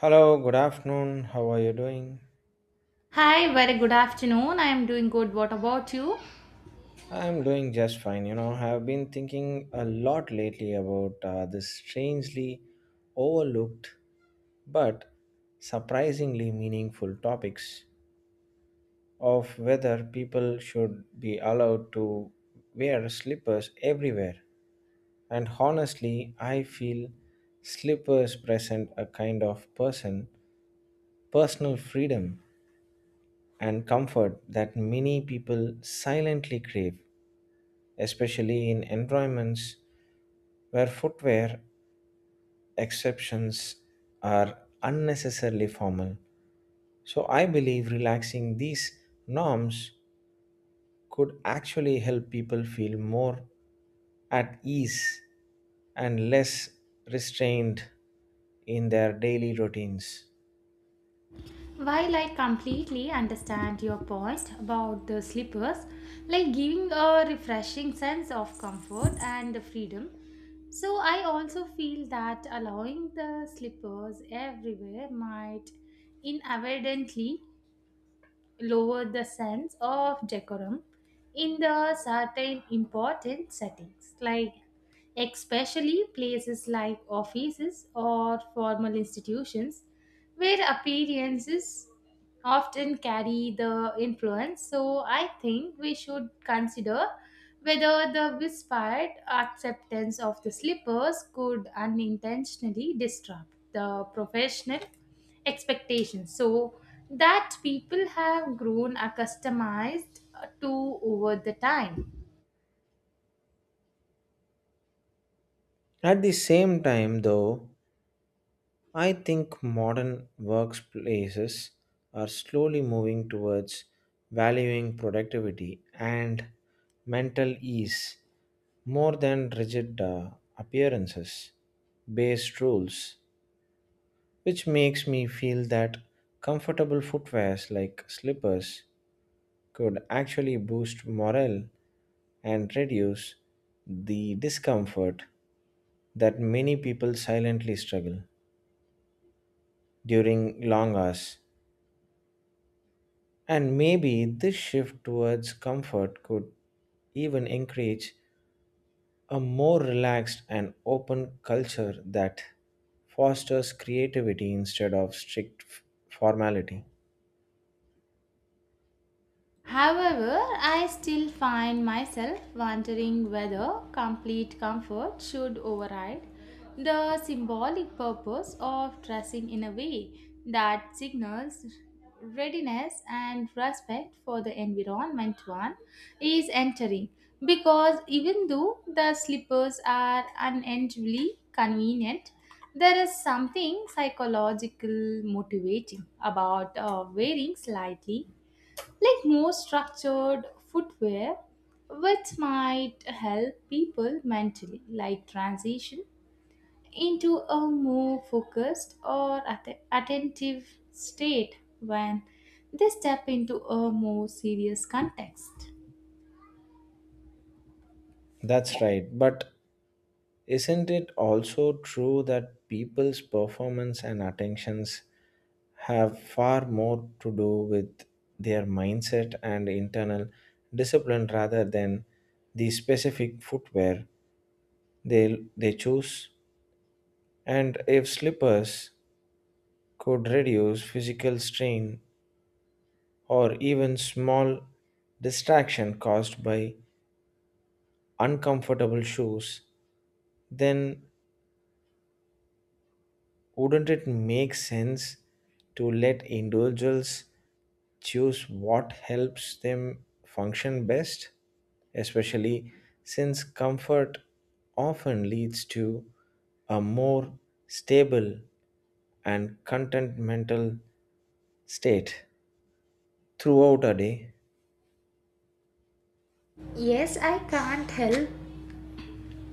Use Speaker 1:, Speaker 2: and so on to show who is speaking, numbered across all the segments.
Speaker 1: Hello, good afternoon. How are you doing?
Speaker 2: Hi, very good afternoon. I am doing good. What about you?
Speaker 1: I'm doing just fine. You know, I've been thinking a lot lately about this strangely overlooked but surprisingly meaningful topics of whether people should be allowed to wear slippers everywhere. And honestly, I feel slippers present a kind of personal freedom and comfort that many people silently crave, especially in environments where footwear exceptions are unnecessarily formal. So I believe relaxing these norms could actually help people feel more at ease and less restrained in their daily routines.
Speaker 2: While I completely understand your point about the slippers, like giving a refreshing sense of comfort and freedom, so I also feel that allowing the slippers everywhere might inadvertently lower the sense of decorum in the certain important settings like especially places like offices or formal institutions where appearances often carry the influence, so I think we should consider whether the whispered acceptance of the slippers could unintentionally disrupt the professional expectations so that people have grown accustomed to over the time.
Speaker 1: At the same time, though, I think modern workplaces are slowly moving towards valuing productivity and mental ease more than rigid appearances based rules, which makes me feel that comfortable footwears like slippers could actually boost morale and reduce the discomfort that many people silently struggle during long hours. And maybe this shift towards comfort could even encourage a more relaxed and open culture that fosters creativity instead of strict formality.
Speaker 2: However, I still find myself wondering whether complete comfort should override the symbolic purpose of dressing in a way that signals readiness and respect for the environment one is entering. Because even though the slippers are unendingly convenient, there is something psychological motivating about wearing slightly like more structured footwear which might help people mentally like transition into a more focused or attentive state when they step into a more serious context.
Speaker 1: That's right, but isn't it also true that people's performance and attentions have far more to do with their mindset and internal discipline rather than the specific footwear they choose? And if slippers could reduce physical strain or even small distraction caused by uncomfortable shoes, then wouldn't it make sense to let individuals choose what helps them function best? Especially since comfort often leads to a more stable and content mental state throughout a day.
Speaker 2: Yes, I can't help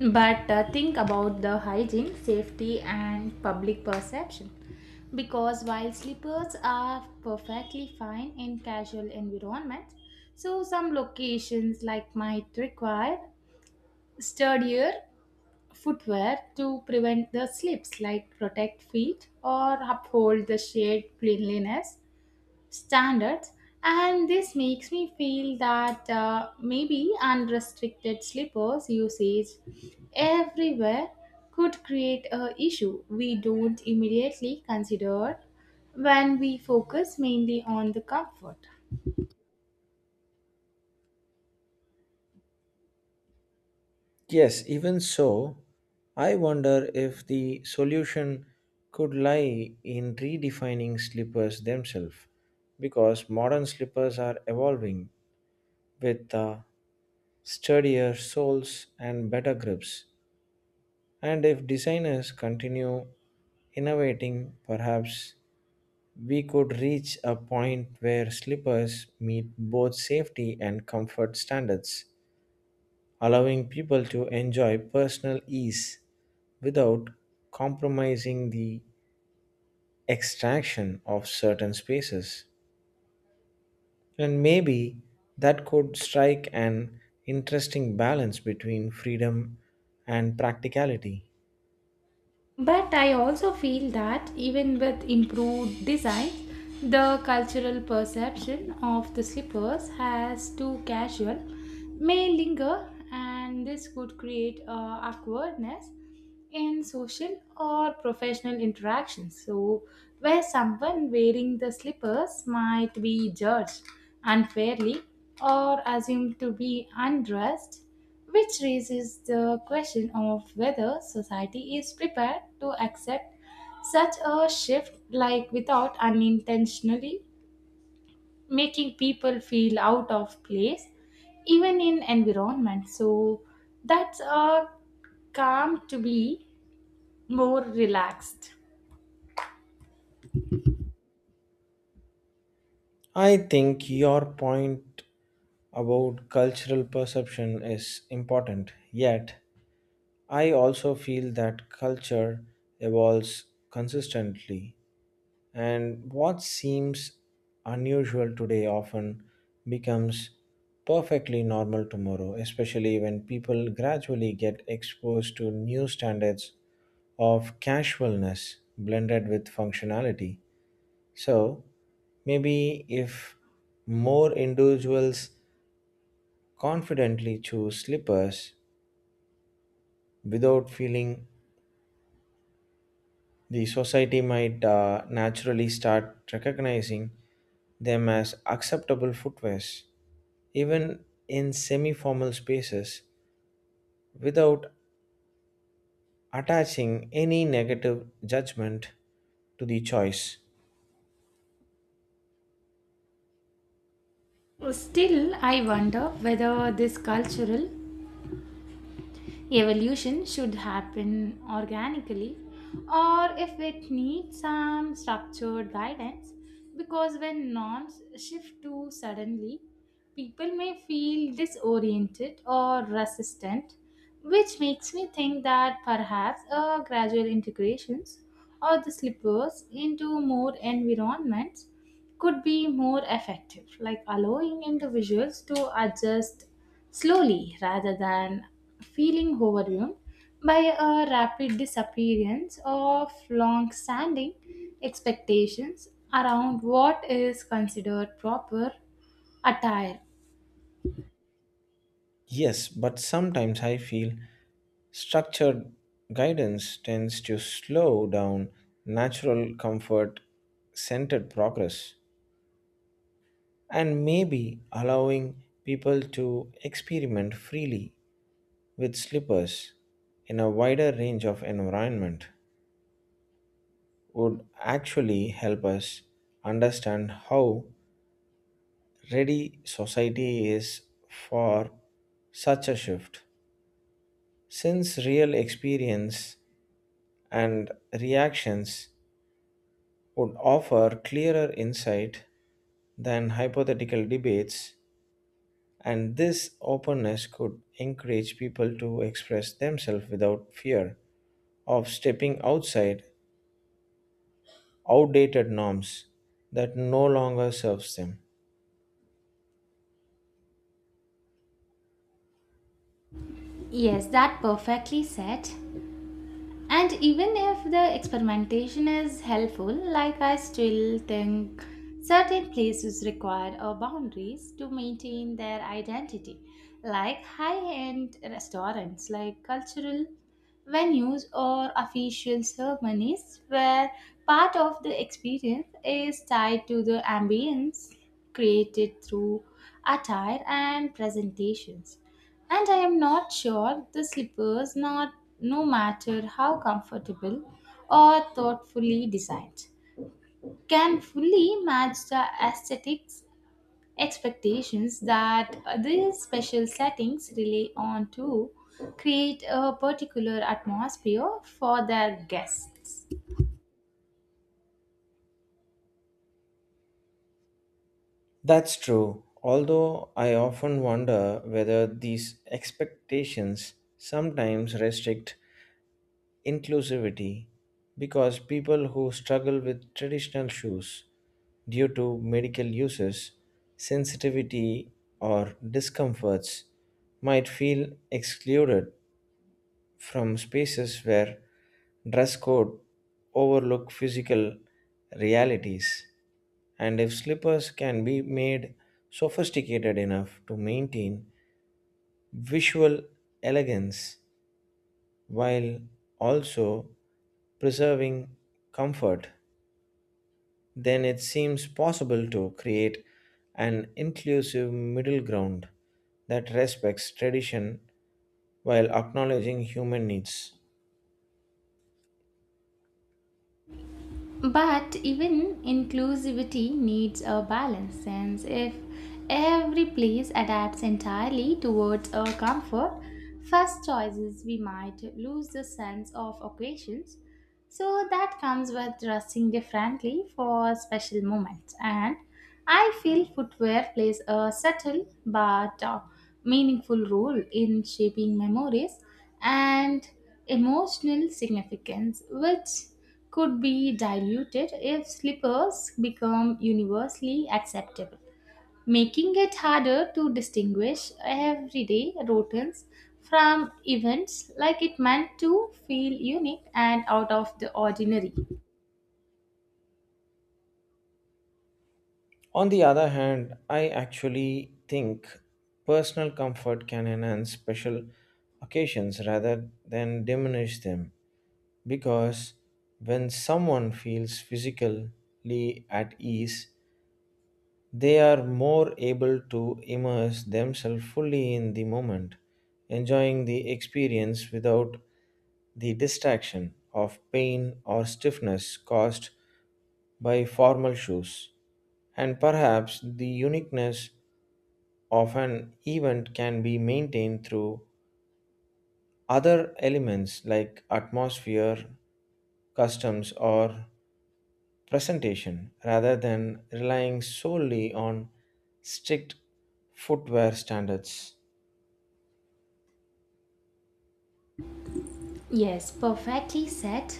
Speaker 2: but think about the hygiene, safety, and public perception. Because while slippers are perfectly fine in casual environments, so some locations like might require sturdier footwear to prevent the slips, like protect feet or uphold the shared cleanliness standards. And this makes me feel that maybe unrestricted slippers usage everywhere could create a issue we don't immediately consider when we focus mainly on the comfort.
Speaker 1: Yes, even so, I wonder if the solution could lie in redefining slippers themselves, because modern slippers are evolving with sturdier soles and better grips. And if designers continue innovating, perhaps we could reach a point where slippers meet both safety and comfort standards allowing people to enjoy personal ease without compromising the extraction of certain spaces. And maybe that could strike an interesting balance between freedom and practicality.
Speaker 2: But I also feel that even with improved design the cultural perception of the slippers as too casual may linger, and this could create awkwardness in social or professional interactions. So, where someone wearing the slippers might be judged unfairly or assumed to be undressed, which raises the question of whether society is prepared to accept such a shift, like without unintentionally making people feel out of place, even in environment. So, that's a calm to be more relaxed.
Speaker 1: I think your point about cultural perception is important, yet, I also feel that culture evolves consistently. And what seems unusual today often becomes perfectly normal tomorrow, especially when people gradually get exposed to new standards of casualness blended with functionality. So, maybe if more individuals confidently choose slippers without feeling, the society might naturally start recognizing them as acceptable footwears, even in semi formal spaces, without attaching any negative judgment to the choice.
Speaker 2: Still, I wonder whether this cultural evolution should happen organically or if it needs some structured guidance, because when norms shift too suddenly, people may feel disoriented or resistant, which makes me think that perhaps a gradual integrations of the slippers into more environments could be more effective, like allowing individuals to adjust slowly rather than feeling overwhelmed by a rapid disappearance of long standing expectations around what is considered proper attire.
Speaker 1: Yes, but sometimes I feel structured guidance tends to slow down natural comfort centered progress and maybe allowing people to experiment freely with slippers in a wider range of environment would actually help us understand how ready society is for such a shift, since real experience and reactions would offer clearer insight than hypothetical debates, and this openness could encourage people to express themselves without fear of stepping outside outdated norms that no longer serves them.
Speaker 2: Yes, that perfectly said. And even if the experimentation is helpful, like I still think certain places require a boundaries to maintain their identity, like high-end restaurants, like cultural venues or official ceremonies where part of the experience is tied to the ambience created through attire and presentations. And I am not sure the slippers, not no matter how comfortable or thoughtfully designed, can fully match the aesthetics expectations that these special settings rely on to create a particular atmosphere for their guests.
Speaker 1: That's true, although I often wonder whether these expectations sometimes restrict inclusivity because people who struggle with traditional shoes due to medical uses, sensitivity, or discomforts might feel excluded from spaces where dress code overlook physical realities and if slippers can be made sophisticated enough to maintain visual elegance while also preserving comfort, then it seems possible to create an inclusive middle ground that respects tradition while acknowledging human needs.
Speaker 2: But even inclusivity needs a balance, since if every place adapts entirely towards our comfort, first choices, we might lose the sense of occasions so that comes with dressing differently for special moments. And I feel footwear plays a subtle but meaningful role in shaping memories and emotional significance, which could be diluted if slippers become universally acceptable, making it harder to distinguish everyday routines from events like it meant to feel unique and out of the ordinary.
Speaker 1: On the other hand, I actually think personal comfort can enhance special occasions rather than diminish them because when someone feels physically at ease, they are more able to immerse themselves fully in the moment, enjoying the experience without the distraction of pain or stiffness caused by formal shoes. And perhaps the uniqueness of an event can be maintained through other elements like atmosphere, customs, or presentation rather than relying solely on strict footwear standards.
Speaker 2: Yes, perfectly said.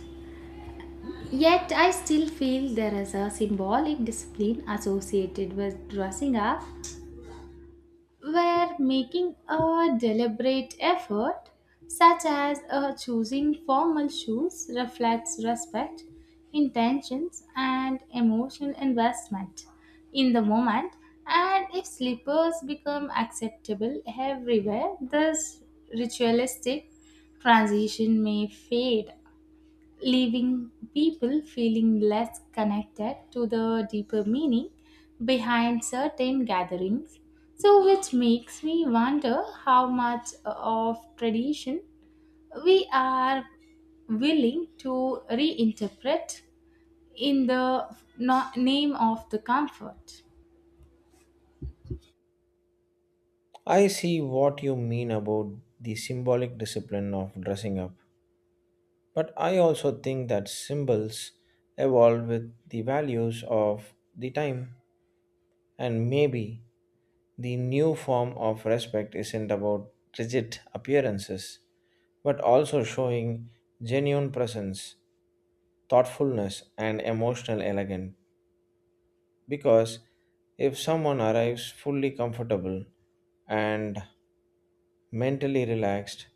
Speaker 2: Yet I still feel there is a symbolic discipline associated with dressing up where making a deliberate effort, such as choosing formal shoes, reflects respect, intentions, and emotional investment in the moment. And if slippers become acceptable everywhere, this ritualistic transition may fade, leaving people feeling less connected to the deeper meaning behind certain gatherings. So, which makes me wonder how much of tradition we are willing to reinterpret in the name of the comfort.
Speaker 1: I see what you mean about the symbolic discipline of dressing up, but I also think that symbols evolve with the values of the time, and maybe the new form of respect isn't about rigid appearances but also showing genuine presence, thoughtfulness, and emotional elegance. Because if someone arrives fully comfortable and mentally relaxed,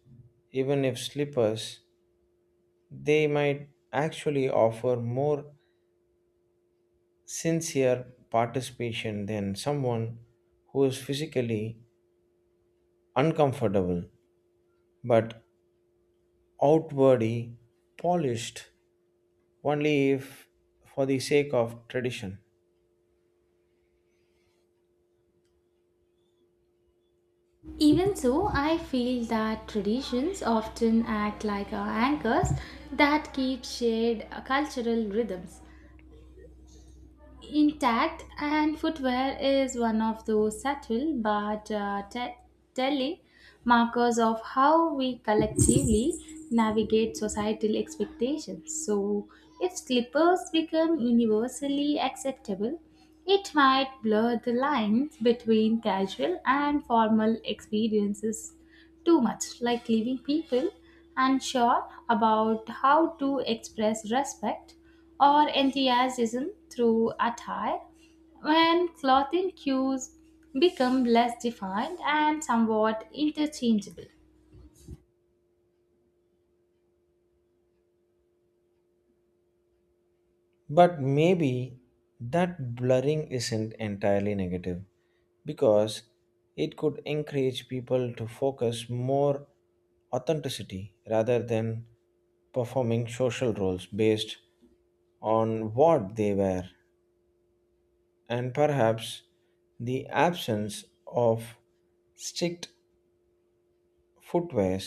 Speaker 1: even if slippers, they might actually offer more sincere participation than someone who is physically uncomfortable but outwardly polished only if for the sake of tradition.
Speaker 2: Even so, I feel that traditions often act like our anchors that keep shared cultural rhythms, intact, and footwear is one of those subtle but telling markers of how we collectively navigate societal expectations. So, if slippers become universally acceptable, it might blur the lines between casual and formal experiences too much, like leaving people unsure about how to express respect or enthusiasm through attire when clothing cues become less defined and somewhat interchangeable.
Speaker 1: But maybe that blurring isn't entirely negative, because it could encourage people to focus more authenticity rather than performing social roles based on what they were and perhaps the absence of strict footwears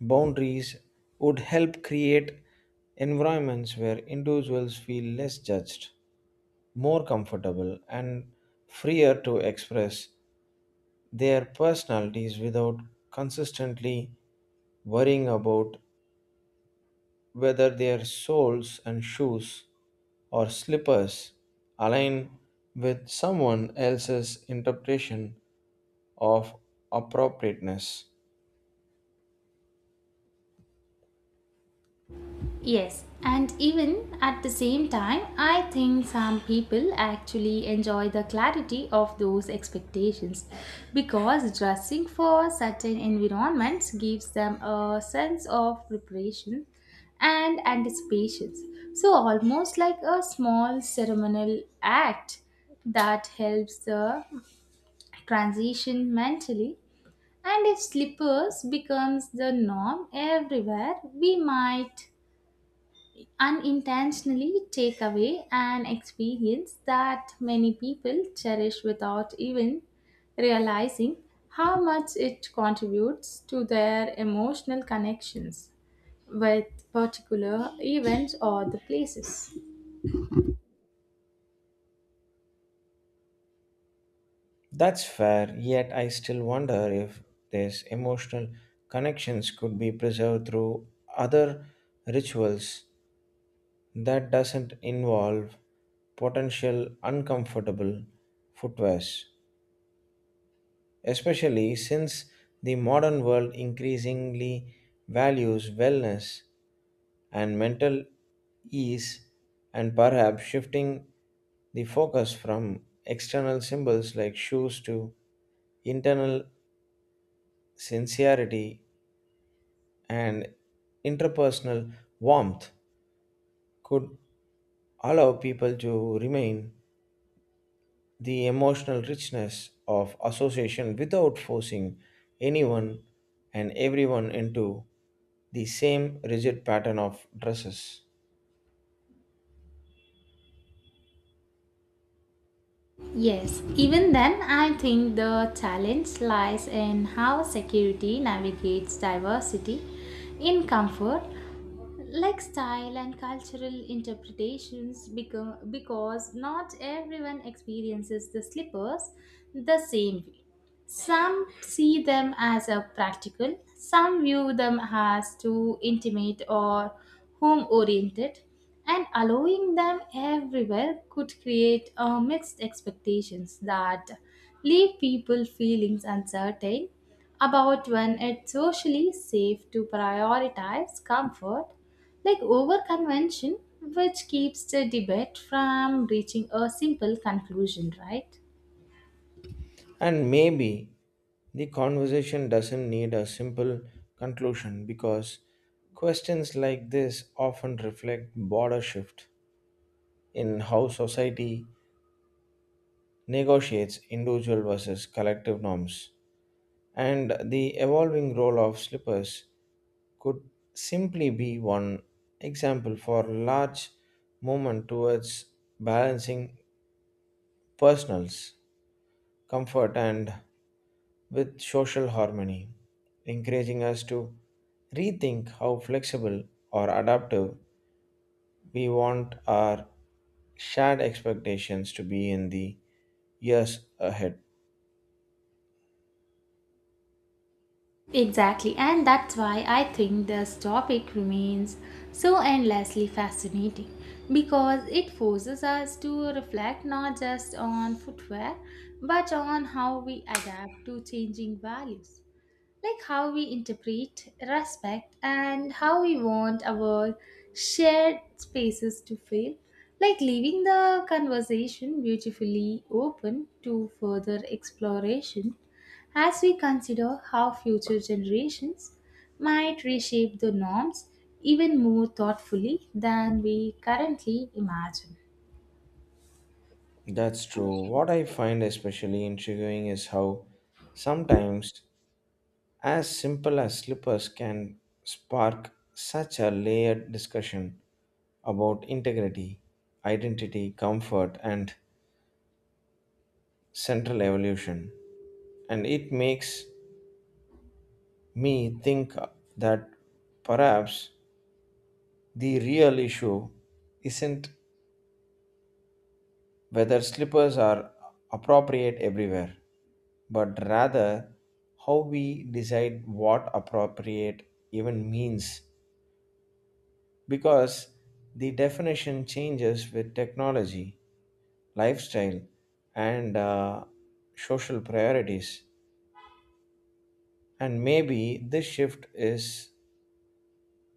Speaker 1: boundaries would help create environments where individuals feel less judged, more comfortable and freer to express their personalities without consistently worrying about whether their soles and shoes or slippers align with someone else's interpretation of appropriateness.
Speaker 2: Yes, and even at the same time, I think some people actually enjoy the clarity of those expectations because dressing for certain environments gives them a sense of preparation and anticipation. So, almost like a small ceremonial act that helps the transition mentally, and if slippers becomes the norm everywhere we might unintentionally take away an experience that many people cherish without even realizing how much it contributes to their emotional connections with particular events or the places.
Speaker 1: That's fair, yet I still wonder if these emotional connections could be preserved through other rituals that doesn't involve potential uncomfortable footwears, especially since the modern world increasingly values wellness and mental ease, and perhaps shifting the focus from external symbols like shoes to internal sincerity and interpersonal warmth could allow people to remain the emotional richness of association without forcing anyone and everyone into the same rigid pattern of dresses.
Speaker 2: Yes, even then, I think the challenge lies in how security navigates diversity in comfort like style and cultural interpretations become, because not everyone experiences the slippers the same way. Some see them as a practical, some view them as too intimate or home oriented, and allowing them everywhere could create mixed expectations that leave people feeling uncertain about when it's socially safe to prioritize comfort like over convention, which keeps the debate from reaching a simple conclusion, right?
Speaker 1: And maybe the conversation doesn't need a simple conclusion because questions like this often reflect border shift in how society negotiates individual versus collective norms and the evolving role of slippers could simply be one example for large movement towards balancing personals comfort and with social harmony, encouraging us to rethink how flexible or adaptive we want our shared expectations to be in the years ahead.
Speaker 2: Exactly, and that's why I think this topic remains so endlessly fascinating because it forces us to reflect not just on footwear but on how we adapt to changing values, like how we interpret, respect, and how we want our shared spaces to feel, like leaving the conversation beautifully open to further exploration as we consider how future generations might reshape the norms even more thoughtfully than we currently imagine.
Speaker 1: That's true. What I find especially intriguing is how sometimes, as simple as slippers can spark such a layered discussion about integrity, identity, comfort, and central evolution. And it makes me think that perhaps the real issue isn't whether slippers are appropriate everywhere, but rather how we decide what appropriate even means because the definition changes with technology, lifestyle, and social priorities. And maybe this shift is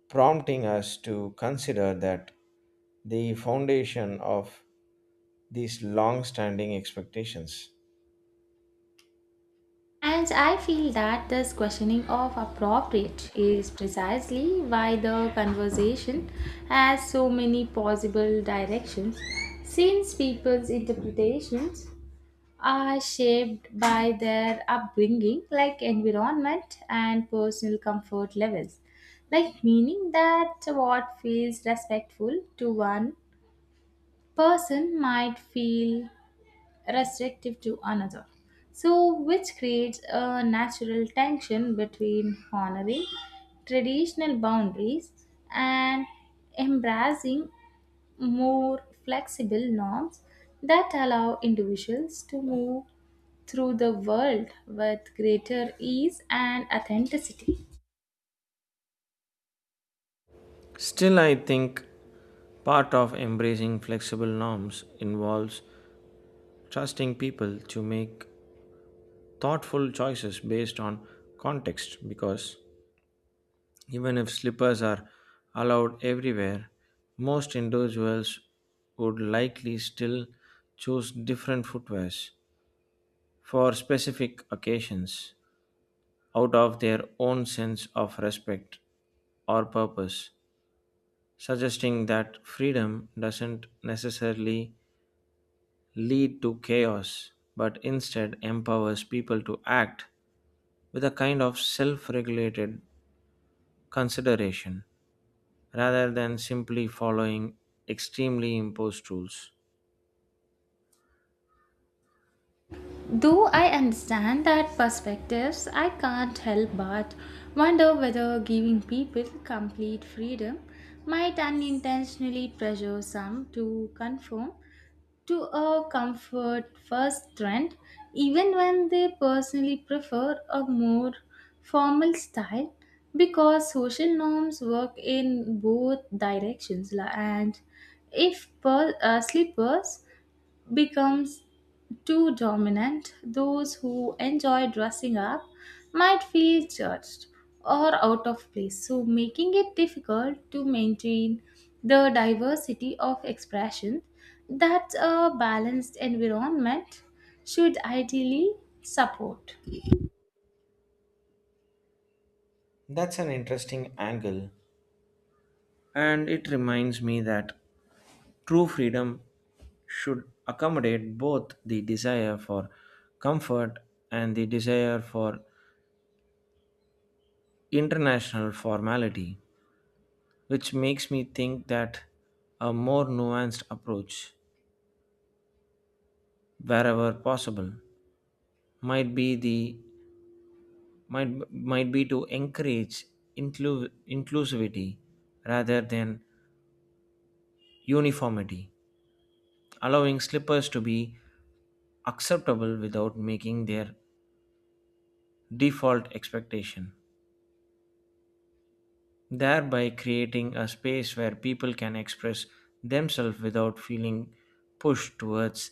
Speaker 1: prompting us to consider that the foundation of these long standing expectations.
Speaker 2: And I feel that this questioning of appropriate is precisely why the conversation has so many possible directions, since people's interpretations are shaped by their upbringing, like environment and personal comfort levels. Like, meaning that what feels respectful to one person might feel restrictive to another. So, which creates a natural tension between honoring traditional boundaries and embracing more flexible norms that allow individuals to move through the world with greater ease and authenticity.
Speaker 1: Still, I think part of embracing flexible norms involves trusting people to make thoughtful choices based on context because even if slippers are allowed everywhere, most individuals would likely still choose different footwears for specific occasions out of their own sense of respect or purpose, suggesting that freedom doesn't necessarily lead to chaos but instead empowers people to act with a kind of self regulated consideration, rather than simply following extremely imposed rules.
Speaker 2: Though I understand that perspectives, I can't help but wonder whether giving people complete freedom might unintentionally pressure some to conform to a comfort first trend, even when they personally prefer a more formal style, because social norms work in both directions and if slippers becomes too dominant, those who enjoy dressing up might feel judged or out of place, so making it difficult to maintain the diversity of expression that a balanced environment should ideally support.
Speaker 1: That's an interesting angle, and it reminds me that true freedom should accommodate both the desire for comfort and the desire for international formality, which makes me think that a more nuanced approach, wherever possible, might be the might be to encourage inclusivity rather than uniformity, allowing slippers to be acceptable without making their default expectation, thereby creating a space where people can express themselves without feeling pushed towards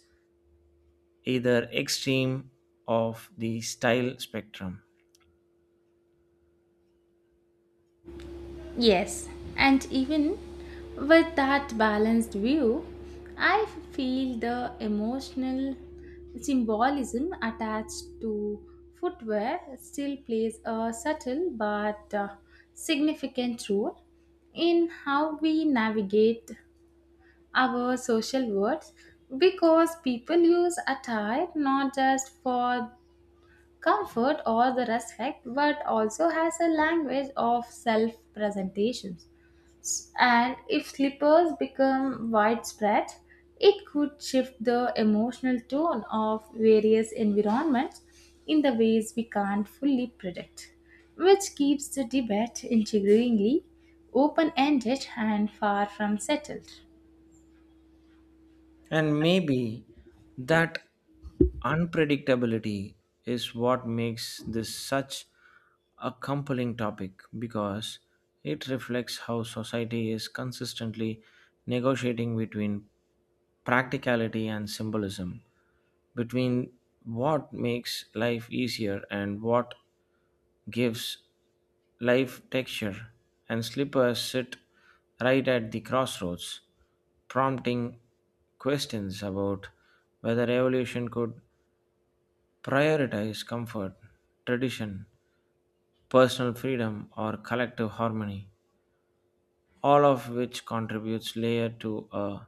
Speaker 1: either extreme of the style spectrum.
Speaker 2: Yes, and even with that balanced view, I feel the emotional symbolism attached to footwear still plays a subtle but significant role in how we navigate our social worlds because people use attire not just for comfort or the respect but also has a language of self presentations, and if slippers become widespread, it could shift the emotional tone of various environments in the ways we can't fully predict, which keeps the debate intriguingly open ended and far from settled.
Speaker 1: And maybe that unpredictability is what makes this such a compelling topic because it reflects how society is consistently negotiating between practicality and symbolism, between what makes life easier and what gives life texture, and slippers sit right at the crossroads, prompting questions about whether evolution could prioritize comfort, tradition, personal freedom, or collective harmony, all of which contributes layer to a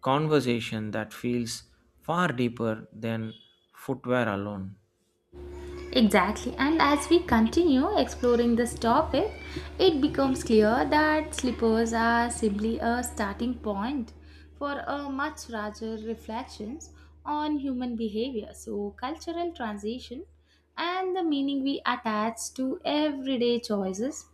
Speaker 1: conversation that feels far deeper than footwear alone.
Speaker 2: Exactly, and as we continue exploring this topic, it becomes clear that slippers are simply a starting point for a much larger reflections on human behavior, so cultural transition, and the meaning we attach to everyday choices,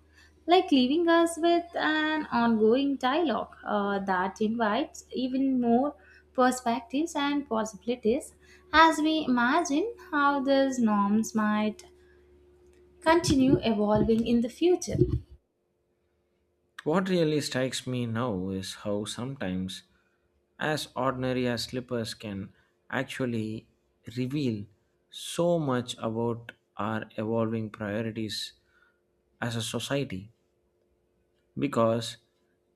Speaker 2: like leaving us with an ongoing dialogue that invites even more perspectives and possibilities as we imagine how these norms might continue evolving in the future.
Speaker 1: What really strikes me now is how sometimes, as ordinary as slippers can actually reveal so much about our evolving priorities as a society because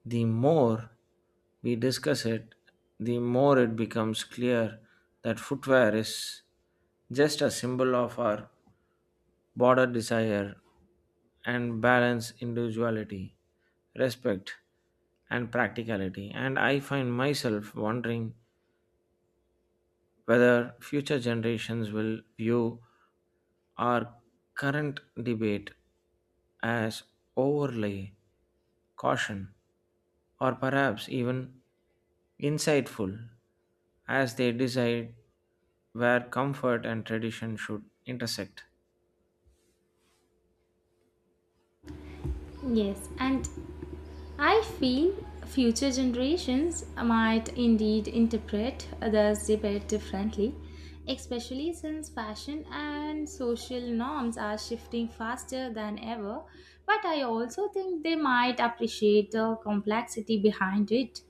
Speaker 1: the more we discuss it, the more it becomes clear that footwear is just a symbol of our border desire and balance individuality, respect, and practicality. And I find myself wondering whether future generations will view our current debate as overly caution or perhaps even insightful as they decide where comfort and tradition should intersect.
Speaker 2: Yes, and I feel future generations might indeed interpret this debate differently, especially since fashion and social norms are shifting faster than ever. But I also think they might appreciate the complexity behind it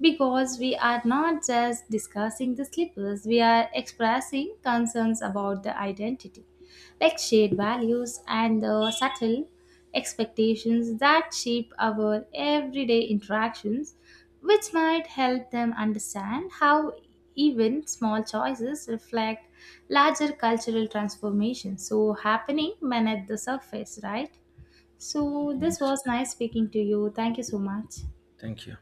Speaker 2: because we are not just discussing the slippers, we are expressing concerns about the identity, like shared values and the subtle expectations that shape our everyday interactions, which might help them understand how even small choices reflect larger cultural transformations so happening beneath the surface, right? So this
Speaker 1: Yes.
Speaker 2: was nice speaking to you. Thank you so much.
Speaker 1: Thank you.